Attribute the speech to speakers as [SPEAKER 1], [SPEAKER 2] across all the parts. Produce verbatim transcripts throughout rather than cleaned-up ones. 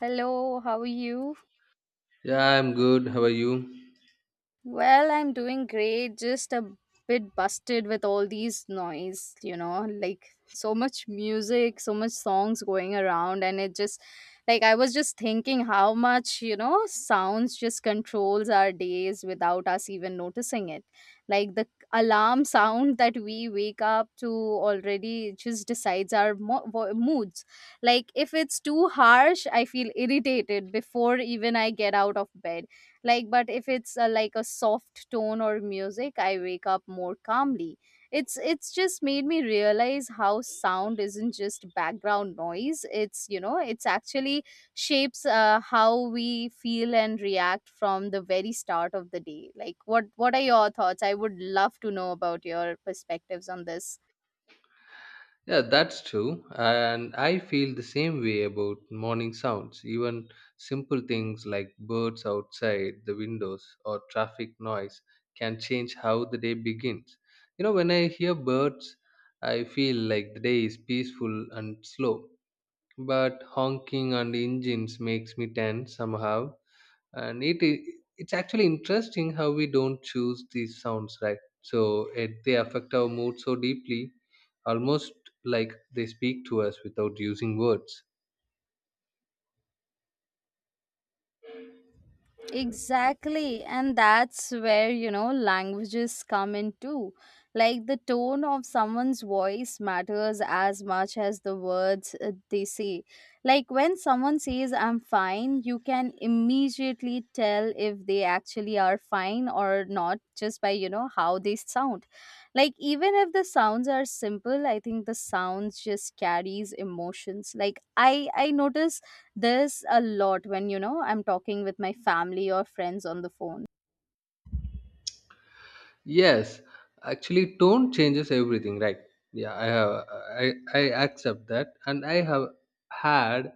[SPEAKER 1] Hello, how are you?
[SPEAKER 2] Yeah, I'm good. How are you?
[SPEAKER 1] Well, I'm doing great, just a bit busted with all these noise, you know, like so much music, so much songs going around and it just like I was just thinking how much, you know, sounds just controls our days without us even noticing it. Like the alarm sound that we wake up to already just decides our mo- vo- moods. Like if it's too harsh, I feel irritated before even I get out of bed. Like but if it's uh, like a soft tone or music, I wake up more calmly. It's it's just made me realize how sound isn't just background noise. It's, you know it's actually shapes uh, how we feel and react from the very start of the day. Like what what are your thoughts? I would love to know about your perspectives on this.
[SPEAKER 2] Yeah, that's true. And I feel the same way about morning sounds. Even simple things like birds outside the windows or traffic noise can change how the day begins. You know, when I hear birds, I feel like the day is peaceful and slow. But honking and engines makes me tense somehow. and it i- it's actually interesting how we don't choose these sounds, right? So it, they affect our mood so deeply, almost like they speak to us without using words.
[SPEAKER 1] Exactly, and that's where, you know languages come in too. Like the tone of someone's voice matters as much as the words uh, they say. Like when someone says, "I'm fine," you can immediately tell if they actually are fine or not, just by, you know how they sound. Like, even if the sounds are simple, I think the sounds just carries emotions. Like, I I notice there's a lot when, you know, I'm talking with my family or friends on the phone.
[SPEAKER 2] Yes, actually, tone changes everything, right? Yeah, I have, I, I accept that, and I have had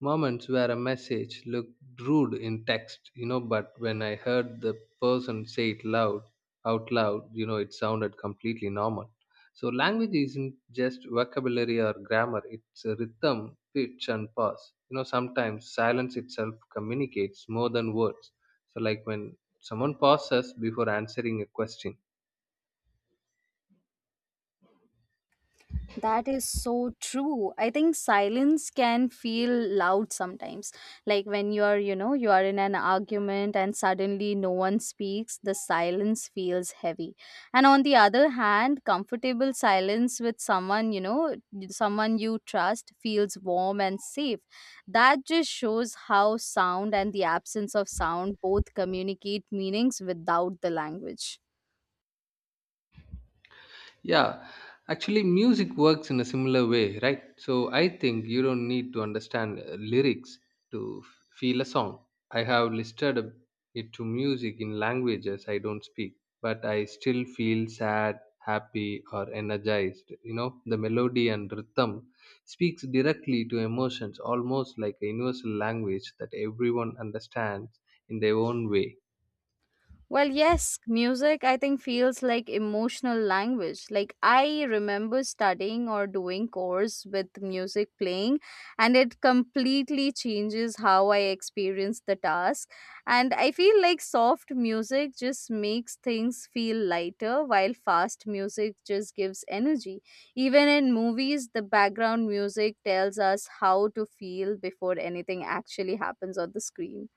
[SPEAKER 2] moments where a message looked rude in text, you know, but when I heard the person say it loud, out loud, you know, it sounded completely normal. So language isn't just vocabulary or grammar; it's a rhythm, pitch, and pause. You know, sometimes silence itself communicates more than words. So, like when someone pauses before answering a question.
[SPEAKER 1] That is so true. I think silence can feel loud sometimes. Like when you're, you know, you are in an argument and suddenly no one speaks, the silence feels heavy. And on the other hand, comfortable silence with someone, you know, someone you trust feels warm and safe. That just shows how sound and the absence of sound both communicate meanings without the language.
[SPEAKER 2] Yeah, actually, music works in a similar way, right? So I think you don't need to understand uh, lyrics to f- feel a song. I have listed a- it to music in languages I don't speak, but I still feel sad, happy, or energized. You know, the melody and rhythm speaks directly to emotions, almost like a universal language that everyone understands in their own way.
[SPEAKER 1] Well, yes, music I think feels like emotional language. Like I remember studying or doing course with music playing and it completely changes how I experience the task. And I feel like soft music just makes things feel lighter, while fast music just gives energy. Even in movies, the background music tells us how to feel before anything actually happens on the screen.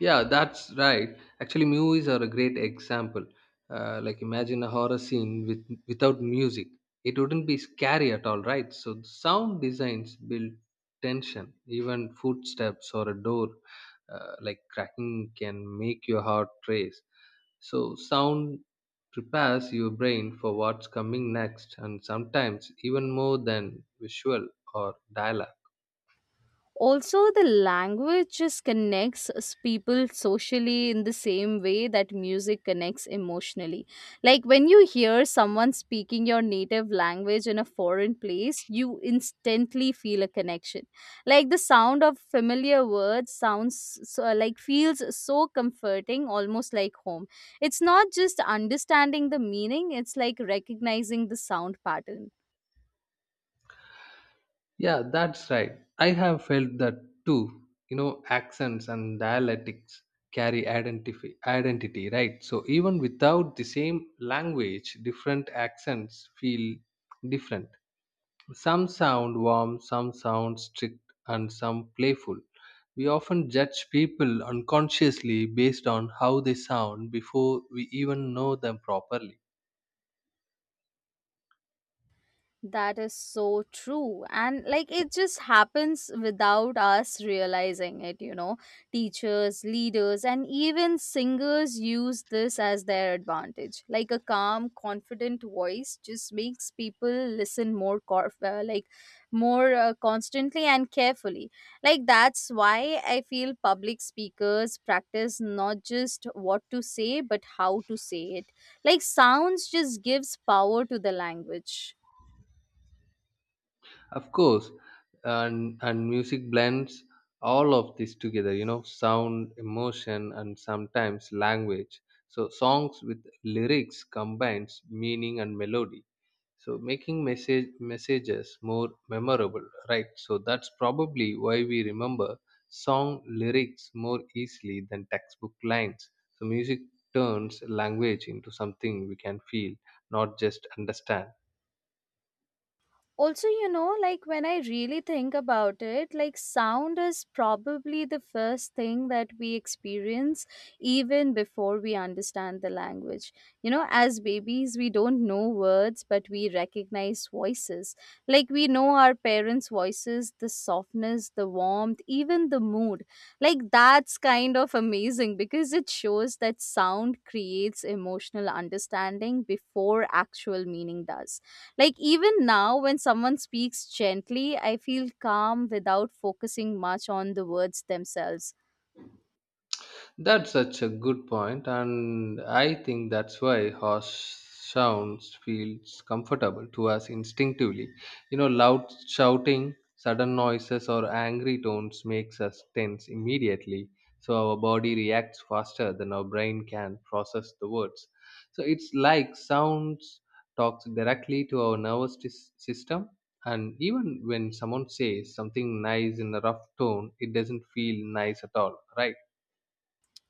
[SPEAKER 2] Yeah, that's right. Actually, movies are a great example. Uh, like imagine a horror scene with without music. It wouldn't be scary at all, right? So the sound designs build tension. Even footsteps or a door, uh, like cracking, can make your heart race. So sound prepares your brain for what's coming next, and sometimes even more than visual or dialogue.
[SPEAKER 1] Also the language just connects us people socially in the same way that music connects emotionally. Like when you hear someone speaking your native language in a foreign place, you instantly feel a connection. Like the sound of familiar words sounds so, like feels so comforting, almost like home. It's not just understanding the meaning, it's like recognizing the sound pattern.
[SPEAKER 2] Yeah, that's right. I have felt that too. You know, accents and dialectics carry identity, identity, right? So even without the same language, different accents feel different. Some sound warm, some sound strict, and some playful. We often judge people unconsciously based on how they sound before we even know them properly.
[SPEAKER 1] That is so true. And like it just happens without us realizing it, you know. Teachers, leaders, and even singers use this as their advantage. Like a calm, confident voice just makes people listen more, cor- uh, like more uh, constantly and carefully. Like that's why I feel public speakers practice not just what to say, but how to say it. Like sounds just gives power to the language.
[SPEAKER 2] Of course, and and music blends all of this together. You know, sound, emotion, and sometimes language. So songs with lyrics combines meaning and melody. So making message messages more memorable, right? So that's probably why we remember song lyrics more easily than textbook lines. So music turns language into something we can feel, not just understand.
[SPEAKER 1] Also, you know like when I really think about it, like sound is probably the first thing that we experience, even before we understand the language. You know, as babies we don't know words, but we recognize voices. Like we know our parents voices, the softness, the warmth, even the mood. Like that's kind of amazing because it shows that sound creates emotional understanding before actual meaning does. Like even now, when someone speaks gently, I feel calm without focusing much on the words themselves.
[SPEAKER 2] That's such a good point, and I think that's why harsh sounds feels comfortable to us instinctively. You know, loud shouting, sudden noises, or angry tones makes us tense immediately. So our body reacts faster than our brain can process the words. So it's like sounds talks directly to our nervous sys- system. And even when someone says something nice in a rough tone, it doesn't feel nice at all, right?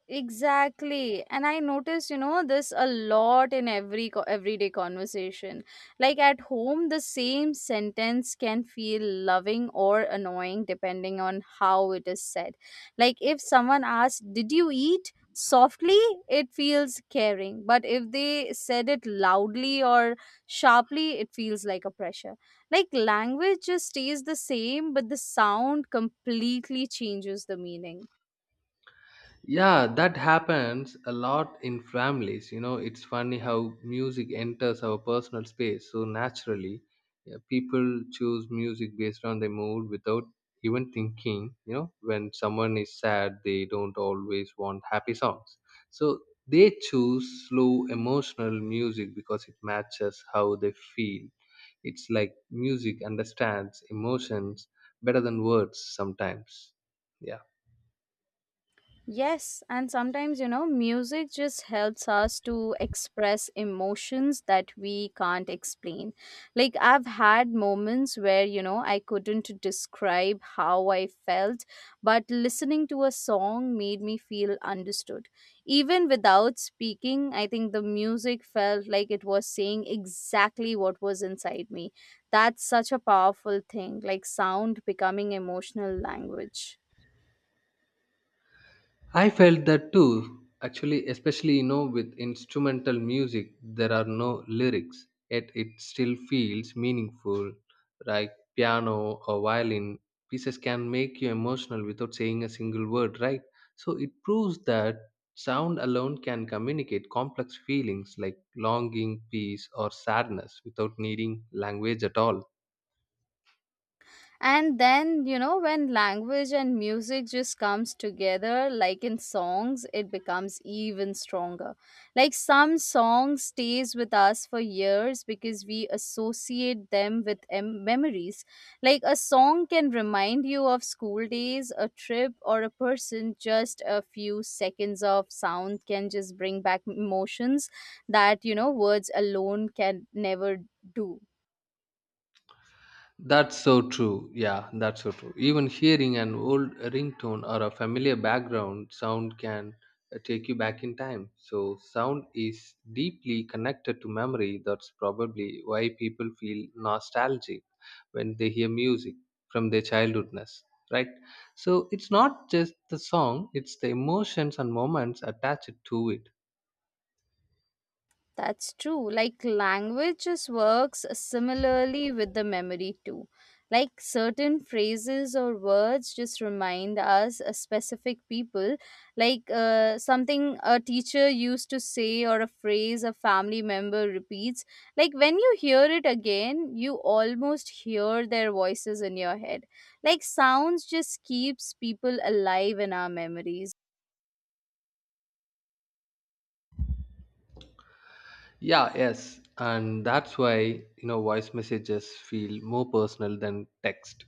[SPEAKER 1] Exactly. And I notice, you know, this a lot in every co- everyday conversation. Like at home, the same sentence can feel loving or annoying depending on how it is said. Like if someone asks, "Did you eat?" softly, it feels caring, but if they said it loudly or sharply, it feels like a pressure. Like language just stays the same, but the sound completely changes the meaning.
[SPEAKER 2] Yeah, that happens a lot in families. You know, it's funny how music enters our personal space so naturally. Yeah, people choose music based on their mood without even thinking. You know, when someone is sad, they don't always want happy songs, so they choose slow emotional music because it matches how they feel. It's like music understands emotions better than words sometimes. Yeah.
[SPEAKER 1] Yes, and sometimes, you know, music just helps us to express emotions that we can't explain. Like, I've had moments where, you know, I couldn't describe how I felt, but listening to a song made me feel understood. Even without speaking, I think the music felt like it was saying exactly what was inside me. That's such a powerful thing, like sound becoming emotional language.
[SPEAKER 2] I felt that too. Actually, especially you know, with instrumental music, there are no lyrics, yet it still feels meaningful. Like piano or violin pieces can make you emotional without saying a single word, right? So it proves that sound alone can communicate complex feelings like longing, peace, or sadness without needing language at all.
[SPEAKER 1] And then, you know when language and music just comes together, like in songs, it becomes even stronger. Like some song stays with us for years because we associate them with em- memories. Like a song can remind you of school days, a trip, or a person. Just a few seconds of sound can just bring back emotions that, you know words alone can never do.
[SPEAKER 2] That's so true. Yeah, that's so true. Even hearing an old ringtone or a familiar background sound can uh, take you back in time. So, sound is deeply connected to memory. That's probably why people feel nostalgic when they hear music from their childhoodness, right? So, it's not just the song, it's the emotions and moments attached to it.
[SPEAKER 1] That's true. Like languages works similarly with the memory too. Like certain phrases or words just remind us a specific people, like uh, something a teacher used to say or a phrase a family member repeats. Like when you hear it again, you almost hear their voices in your head. Like sounds just keeps people alive in our memories.
[SPEAKER 2] Yeah, yes. And that's why, you know, voice messages feel more personal than text.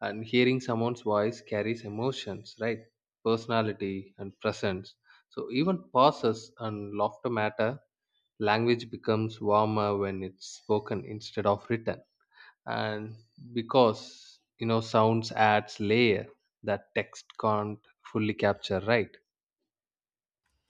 [SPEAKER 2] And hearing someone's voice carries emotions, right? Personality and presence. So even pauses and laughter matter. Language becomes warmer when it's spoken instead of written. And because, you know, sounds adds layer that text can't fully capture, right?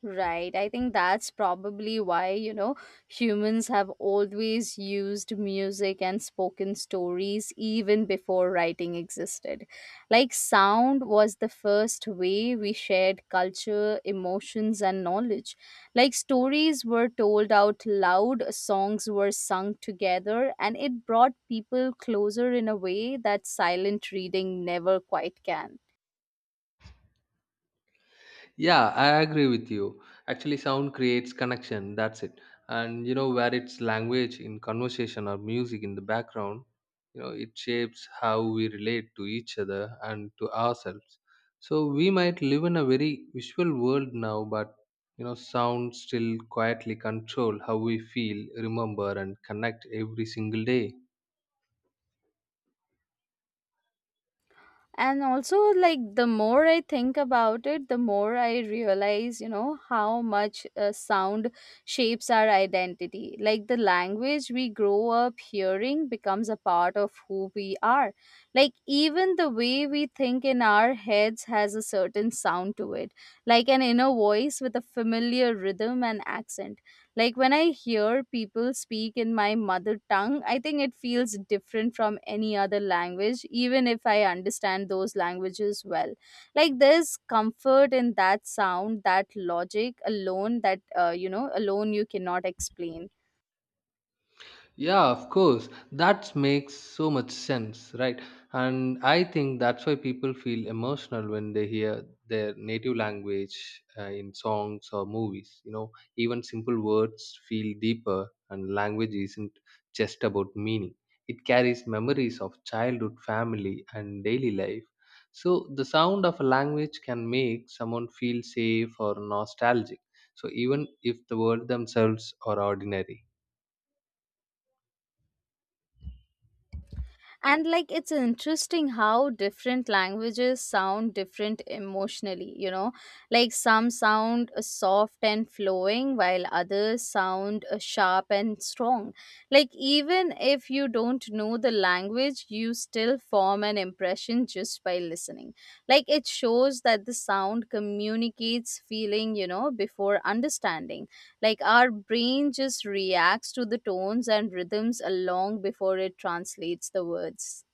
[SPEAKER 1] Right. I think that's probably why, you know, humans have always used music and spoken stories even before writing existed. Like, sound was the first way we shared culture, emotions, and knowledge. Like, stories were told out loud, songs were sung together, and it brought people closer in a way that silent reading never quite can.
[SPEAKER 2] Yeah, I agree with you. Actually, sound creates connection. That's it. And you know, where it's language in conversation or music in the background, you know, it shapes how we relate to each other and to ourselves. So we might live in a very visual world now, but you know, sound still quietly control how we feel, remember, and connect every single day.
[SPEAKER 1] And also, like the more I think about it, the more I realize, you know how much uh, sound shapes our identity. Like the language we grow up hearing becomes a part of who we are. Like even the way we think in our heads has a certain sound to it, like an inner voice with a familiar rhythm and accent. Like when I hear people speak in my mother tongue, I think it feels different from any other language, even if I understand those languages well. Like there's comfort in that sound, that logic alone that, uh, you know, alone you cannot explain.
[SPEAKER 2] Yeah, of course. That makes so much sense, right? And I think that's why people feel emotional when they hear their native language uh, in songs or movies. You know, even simple words feel deeper, and language isn't just about meaning, it carries memories of childhood, family, and daily life. So, the sound of a language can make someone feel safe or nostalgic. So, even if the words themselves are ordinary.
[SPEAKER 1] And like it's interesting how different languages sound different emotionally, you know. Like some sound uh, soft and flowing, while others sound uh, sharp and strong. Like even if you don't know the language, you still form an impression just by listening. Like it shows that the sound communicates feeling, you know before understanding. Like our brain just reacts to the tones and rhythms long before it translates the words.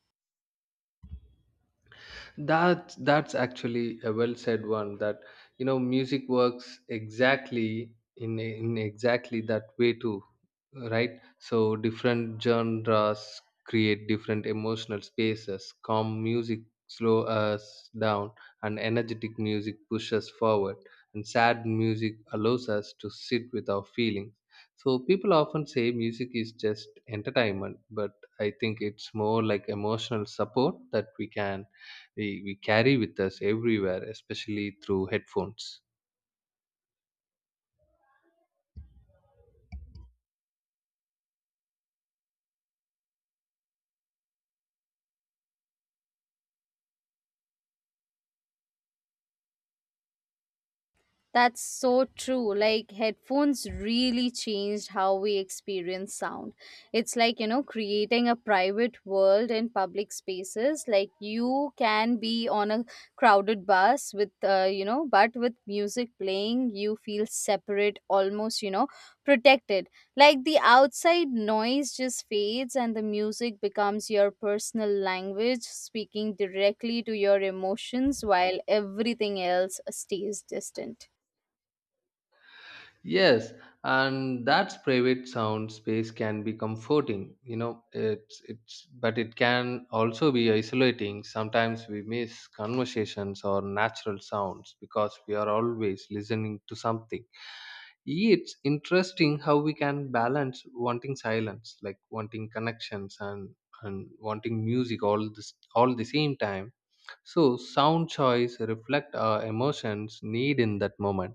[SPEAKER 2] That that's actually a well said one. That you know, music works exactly in in exactly that way too, right? So different genres create different emotional spaces. Calm music slow us down, and energetic music pushes forward. And sad music allows us to sit with our feelings. So people often say music is just entertainment, but I think it's more like emotional support that we can we, we carry with us everywhere, especially through headphones.
[SPEAKER 1] That's so true. Like, headphones really changed how we experience sound. It's like, you know, creating a private world in public spaces. Like, you can be on a crowded bus with, uh, you know, but with music playing, you feel separate, almost, you know, protected. Like, the outside noise just fades and the music becomes your personal language, speaking directly to your emotions while everything else stays distant.
[SPEAKER 2] Yes, and that's private sound space can be comforting. You know, it's it's but it can also be isolating. Sometimes we miss conversations or natural sounds because we are always listening to something. It's interesting how we can balance wanting silence, like wanting connections and and wanting music all this all the same time. So sound choice reflect our emotions need in that moment.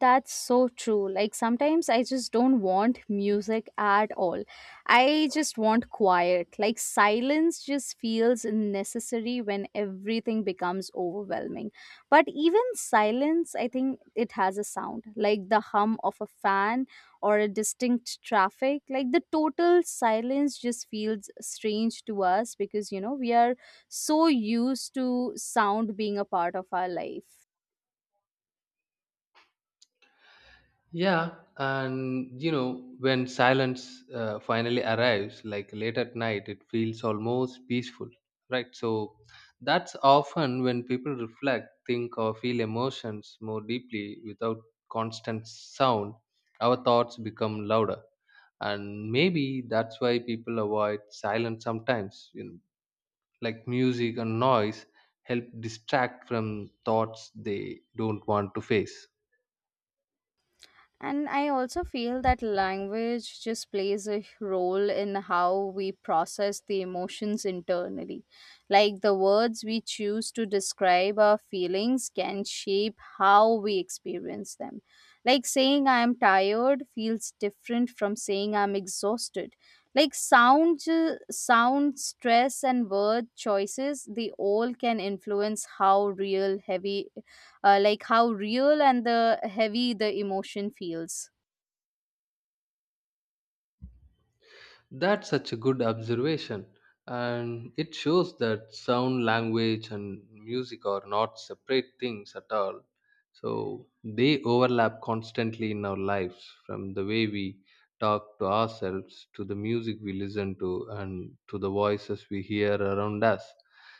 [SPEAKER 1] That's so true. Like sometimes I just don't want music at all. I just want quiet. Like silence just feels necessary when everything becomes overwhelming. But even silence, I think it has a sound, like the hum of a fan or a distinct traffic. Like the total silence just feels strange to us because, you know, we are so used to sound being a part of our life.
[SPEAKER 2] Yeah, and you know, when silence uh, finally arrives, like late at night, it feels almost peaceful, right? So that's often when people reflect, think, or feel emotions more deeply. Without constant sound, our thoughts become louder. And maybe that's why people avoid silence sometimes, you know, like music and noise help distract from thoughts they don't want to face.
[SPEAKER 1] And I also feel that language just plays a role in how we process the emotions internally. Like the words we choose to describe our feelings can shape how we experience them. Like saying "I'm tired" feels different from saying "I'm exhausted." Like sound, ju- sound, stress, and word choices, they all can influence how real heavy uh, like how real and the heavy the emotion feels.
[SPEAKER 2] That's such a good observation, and it shows that sound, language, and music are not separate things at all. So they overlap constantly in our lives, from the way we talk to ourselves, to the music we listen to, and to the voices we hear around us.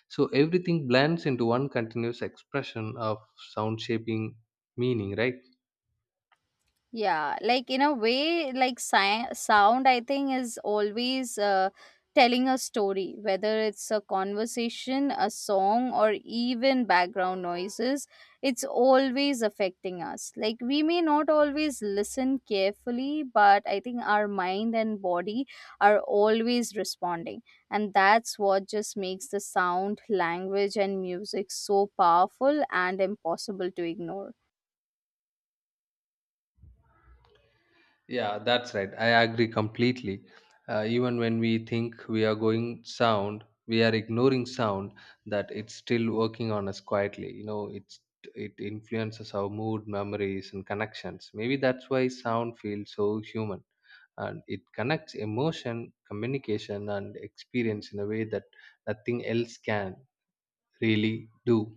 [SPEAKER 2] So everything blends into one continuous expression of sound shaping meaning, right?
[SPEAKER 1] Yeah, like in a way, like si- sound, I think, is always uh, telling a story, whether it's a conversation, a song, or even background noises, it's always affecting us. Like, we may not always listen carefully, but I think our mind and body are always responding. And that's what just makes the sound, language, and music so powerful and impossible to ignore.
[SPEAKER 2] Yeah, that's right. I agree completely. Uh, even when we think we are going sound, we are ignoring sound, that it's still working on us quietly. You know, it's it influences our mood, memories, and connections. Maybe that's why sound feels so human, and it connects emotion, communication, and experience in a way that nothing else can really do.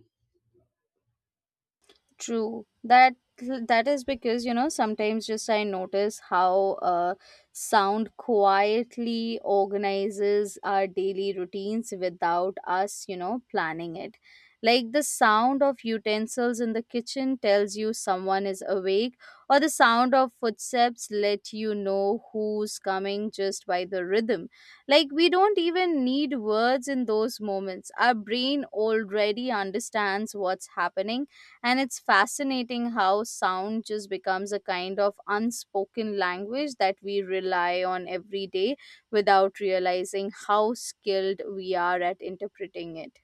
[SPEAKER 1] True. That that is because, you know sometimes just I notice how uh, sound quietly organizes our daily routines without us, you know planning it. Like the sound of utensils in the kitchen tells you someone is awake, or the sound of footsteps let you know who's coming just by the rhythm. Like we don't even need words in those moments. Our brain already understands what's happening, and it's fascinating how sound just becomes a kind of unspoken language that we rely on every day without realizing how skilled we are at interpreting it.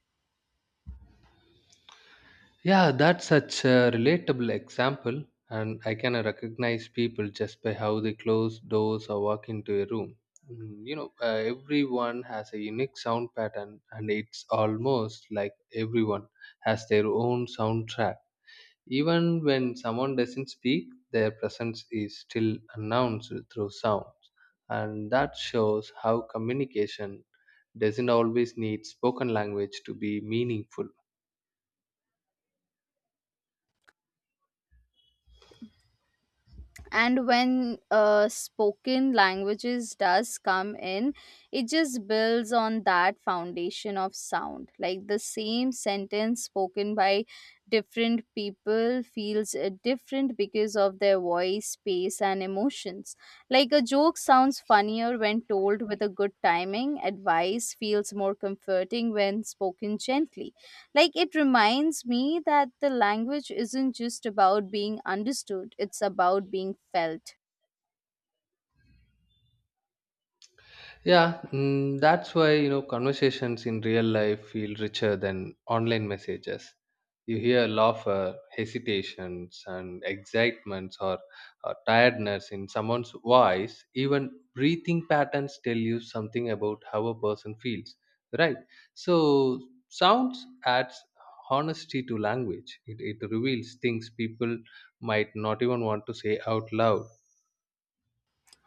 [SPEAKER 2] Yeah, that's such a relatable example, and I can recognize people just by how they close doors or walk into a room. Mm, You know, uh, everyone has a unique sound pattern, and it's almost like everyone has their own soundtrack. Even when someone doesn't speak, their presence is still announced through sounds, and that shows how communication doesn't always need spoken language to be meaningful.
[SPEAKER 1] And when uh, spoken languages does come in, it just builds on that foundation of sound. Like the same sentence spoken by different people feels uh, different because of their voice pace and emotions. Like a joke sounds funnier when told with a good timing. Advice feels more comforting when spoken gently. Like it reminds me that the language isn't just about being understood, it's about being felt.
[SPEAKER 2] Yeah, mm, that's why you know conversations in real life feel richer than online messages. You hear laughter, hesitations, and excitements or, or tiredness in someone's voice. Even breathing patterns tell you something about how a person feels, right? So sounds adds honesty to language. It, it reveals things people might not even want to say out loud.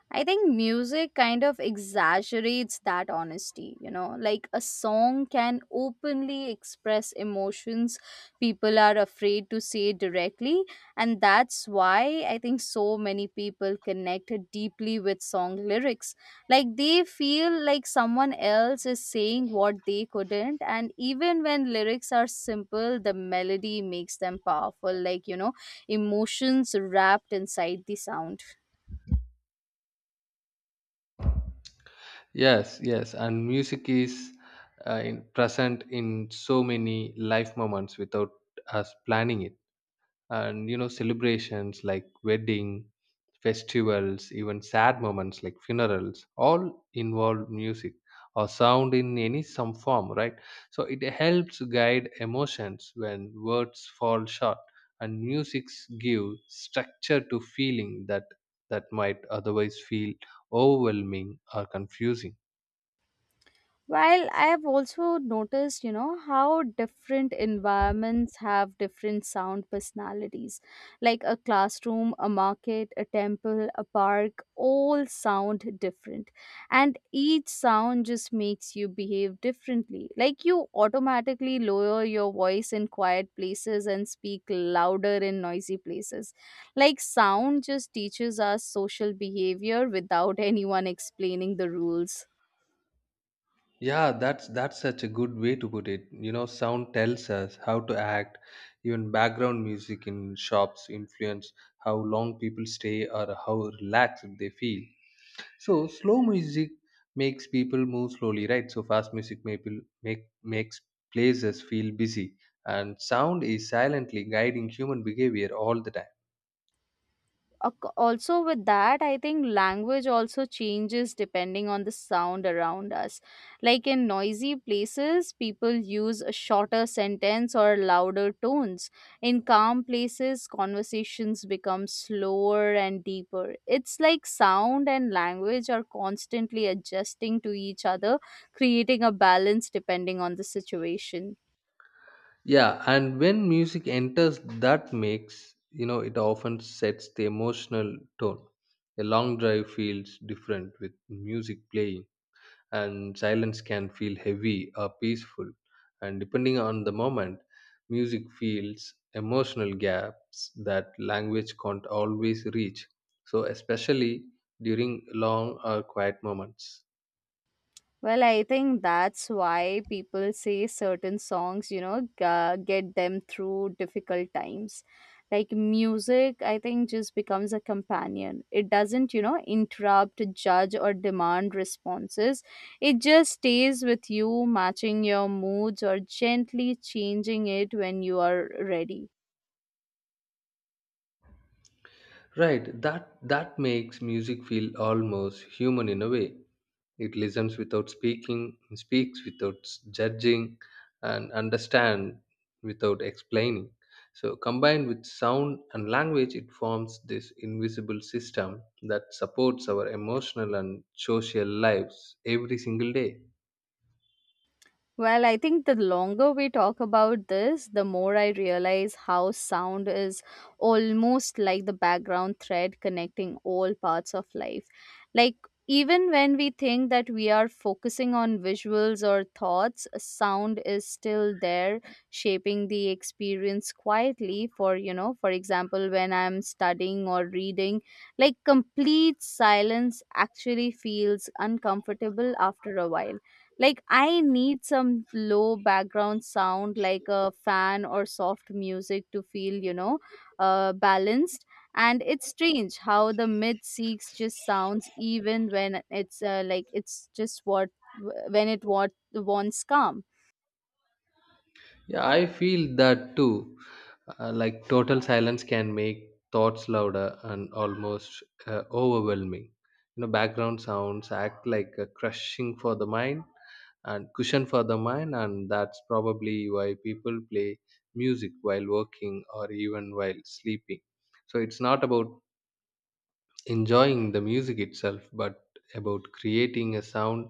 [SPEAKER 1] I think music kind of exaggerates that honesty, you know, like a song can openly express emotions people are afraid to say directly. And that's why I think so many people connect deeply with song lyrics. Like they feel like someone else is saying what they couldn't. And even when lyrics are simple, the melody makes them powerful, like, you know, emotions wrapped inside the sound.
[SPEAKER 2] Yes, yes, and music is uh, in, present in so many life moments without us planning it. And you know, celebrations like wedding, festivals, even sad moments like funerals, all involve music or sound in any some form, right? So it helps guide emotions when words fall short, and music give structure to feeling that that might otherwise feel overwhelming or confusing.
[SPEAKER 1] While I have also noticed, you know, how different environments have different sound personalities. Like a classroom, a market, a temple, a park, all sound different. And each sound just makes you behave differently. Like you automatically lower your voice in quiet places and speak louder in noisy places. Like sound just teaches us social behavior without anyone explaining the rules.
[SPEAKER 2] Yeah, that's that's such a good way to put it. You know, sound tells us how to act. Even background music in shops influence how long people stay or how relaxed they feel. So slow music makes people move slowly, right? So fast music may people make makes places feel busy, and sound is silently guiding human behavior all the time.
[SPEAKER 1] Ac- also with that, I think language also changes depending on the sound around us. Like in noisy places, people use a shorter sentence or louder tones. In calm places, conversations become slower and deeper. It's like sound and language are constantly adjusting to each other, creating a balance depending on the situation.
[SPEAKER 2] Yeah, and when music enters, that makes you know it often sets the emotional tone. A long drive feels different with music playing, and silence can feel heavy or peaceful. And depending on the moment, music fills emotional gaps that language can't always reach, so especially during long or quiet moments.
[SPEAKER 1] Well, I think that's why people say certain songs, you know, g- uh, get them through difficult times. Like music, I think just becomes a companion. It doesn't, you know, interrupt, judge, or demand responses. It just stays with you, matching your moods or gently changing it when you are ready.
[SPEAKER 2] Right, that that makes music feel almost human in a way. It listens without speaking, speaks without s- judging, and understand without explaining. So combined with sound and language, it forms this invisible system that supports our emotional and social lives every single day.
[SPEAKER 1] Well, I think the longer we talk about this, the more I realize how sound is almost like the background thread connecting all parts of life. Like, even when we think that we are focusing on visuals or thoughts, sound is still there shaping the experience quietly. For, you know, for example, when I'm studying or reading, like complete silence actually feels uncomfortable after a while. Like I need some low background sound, like a fan or soft music, to feel, you know, uh, balanced. And it's strange how the mid seeks just sounds even when it's uh, like it's just what when it what wants calm.
[SPEAKER 2] Yeah, I feel that too. Uh, like total silence can make thoughts louder and almost uh, overwhelming. You know, background sounds act like a crushing for the mind and cushion for the mind, and that's probably why people play music while working or even while sleeping. So it's not about enjoying the music itself, but about creating a sound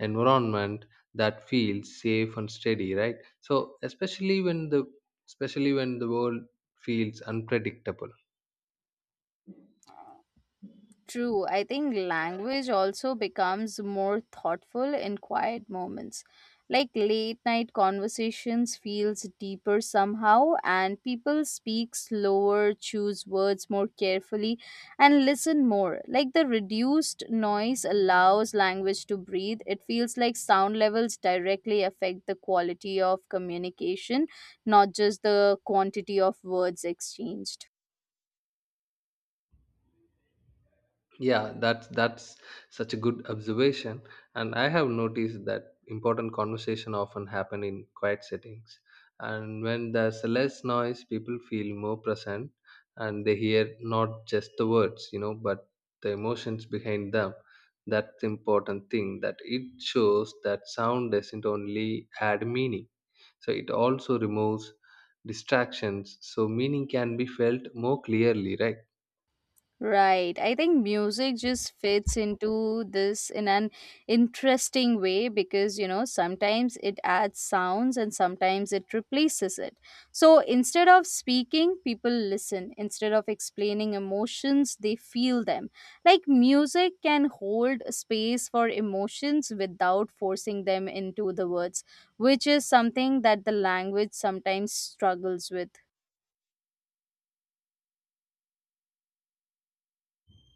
[SPEAKER 2] environment that feels safe and steady, right? So especially when the especially when the world feels unpredictable.
[SPEAKER 1] True, I think language also becomes more thoughtful in quiet moments. Like late night conversations feels deeper somehow, and people speak slower, choose words more carefully and listen more. Like the reduced noise allows language to breathe. It feels like sound levels directly affect the quality of communication, not just the quantity of words exchanged.
[SPEAKER 2] Yeah, that's that's such a good observation, and I have noticed that important conversation often happen in quiet settings, and when there's less noise, people feel more present, and they hear not just the words, you know, but the emotions behind them. That's the important thing, that it shows that sound doesn't only add meaning, so it also removes distractions, so meaning can be felt more clearly, right?
[SPEAKER 1] Right. I think music just fits into this in an interesting way because, you know, sometimes it adds sounds and sometimes it replaces it. So instead of speaking, people listen. Instead of explaining emotions, they feel them. Like music can hold space for emotions without forcing them into the words, which is something that the language sometimes struggles with.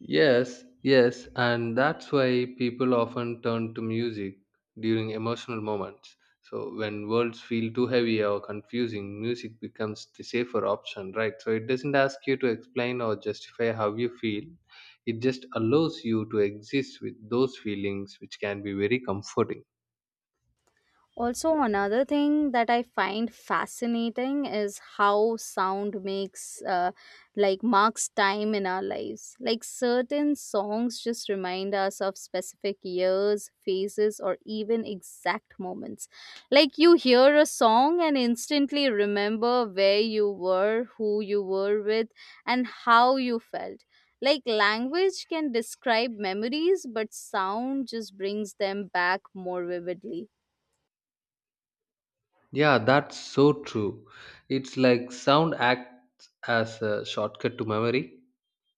[SPEAKER 2] Yes, yes, and that's why people often turn to music during emotional moments. So when words feel too heavy or confusing, music becomes the safer option, right? So it doesn't ask you to explain or justify how you feel. It just allows you to exist with those feelings, which can be very comforting.
[SPEAKER 1] Also, another thing that I find fascinating is how sound makes uh, like marks time in our lives. Like certain songs just remind us of specific years, phases, or even exact moments. Like you hear a song and instantly remember where you were, who you were with, and how you felt. Like language can describe memories, but sound just brings them back more vividly.
[SPEAKER 2] Yeah, that's so true. It's like sound acts as a shortcut to memory.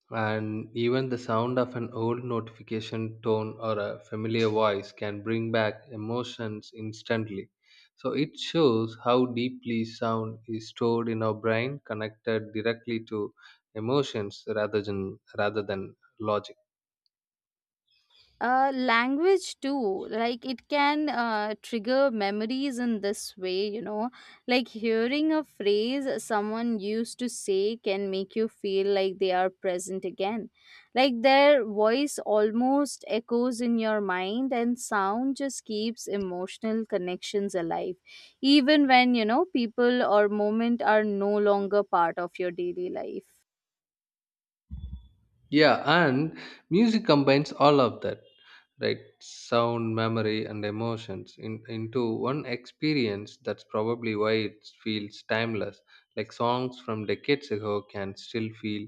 [SPEAKER 2] And even the sound of an old notification tone or a familiar voice can bring back emotions instantly. So it shows how deeply sound is stored in our brain, connected directly to emotions rather than rather than logic.
[SPEAKER 1] Uh, language too, like it can uh, trigger memories in this way, you know. Like hearing a phrase someone used to say can make you feel like they are present again. Like their voice almost echoes in your mind, and sound just keeps emotional connections alive, even when, you know, people or moment are no longer part of your daily life.
[SPEAKER 2] Yeah, and music combines all of that, right? Sound, memory, and emotions in, into one experience. That's probably why it feels timeless. Like songs from decades ago can still feel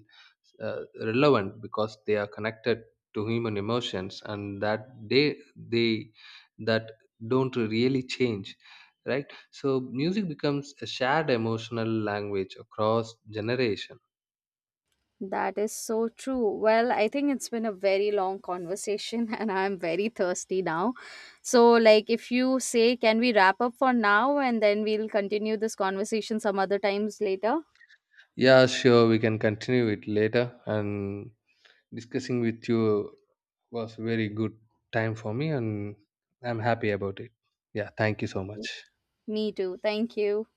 [SPEAKER 2] uh, relevant because they are connected to human emotions, and that they they that don't really change, right? So music becomes a shared emotional language across generations.
[SPEAKER 1] That is so true. Well, I think it's been a very long conversation and I'm very thirsty now. So, like, if you say, can we wrap up for now and then we'll continue this conversation some other times later?
[SPEAKER 2] Yeah, sure. We can continue it later. And discussing with you was very good time for me, and I'm happy about it. Yeah, thank you so much.
[SPEAKER 1] Me too. Thank you.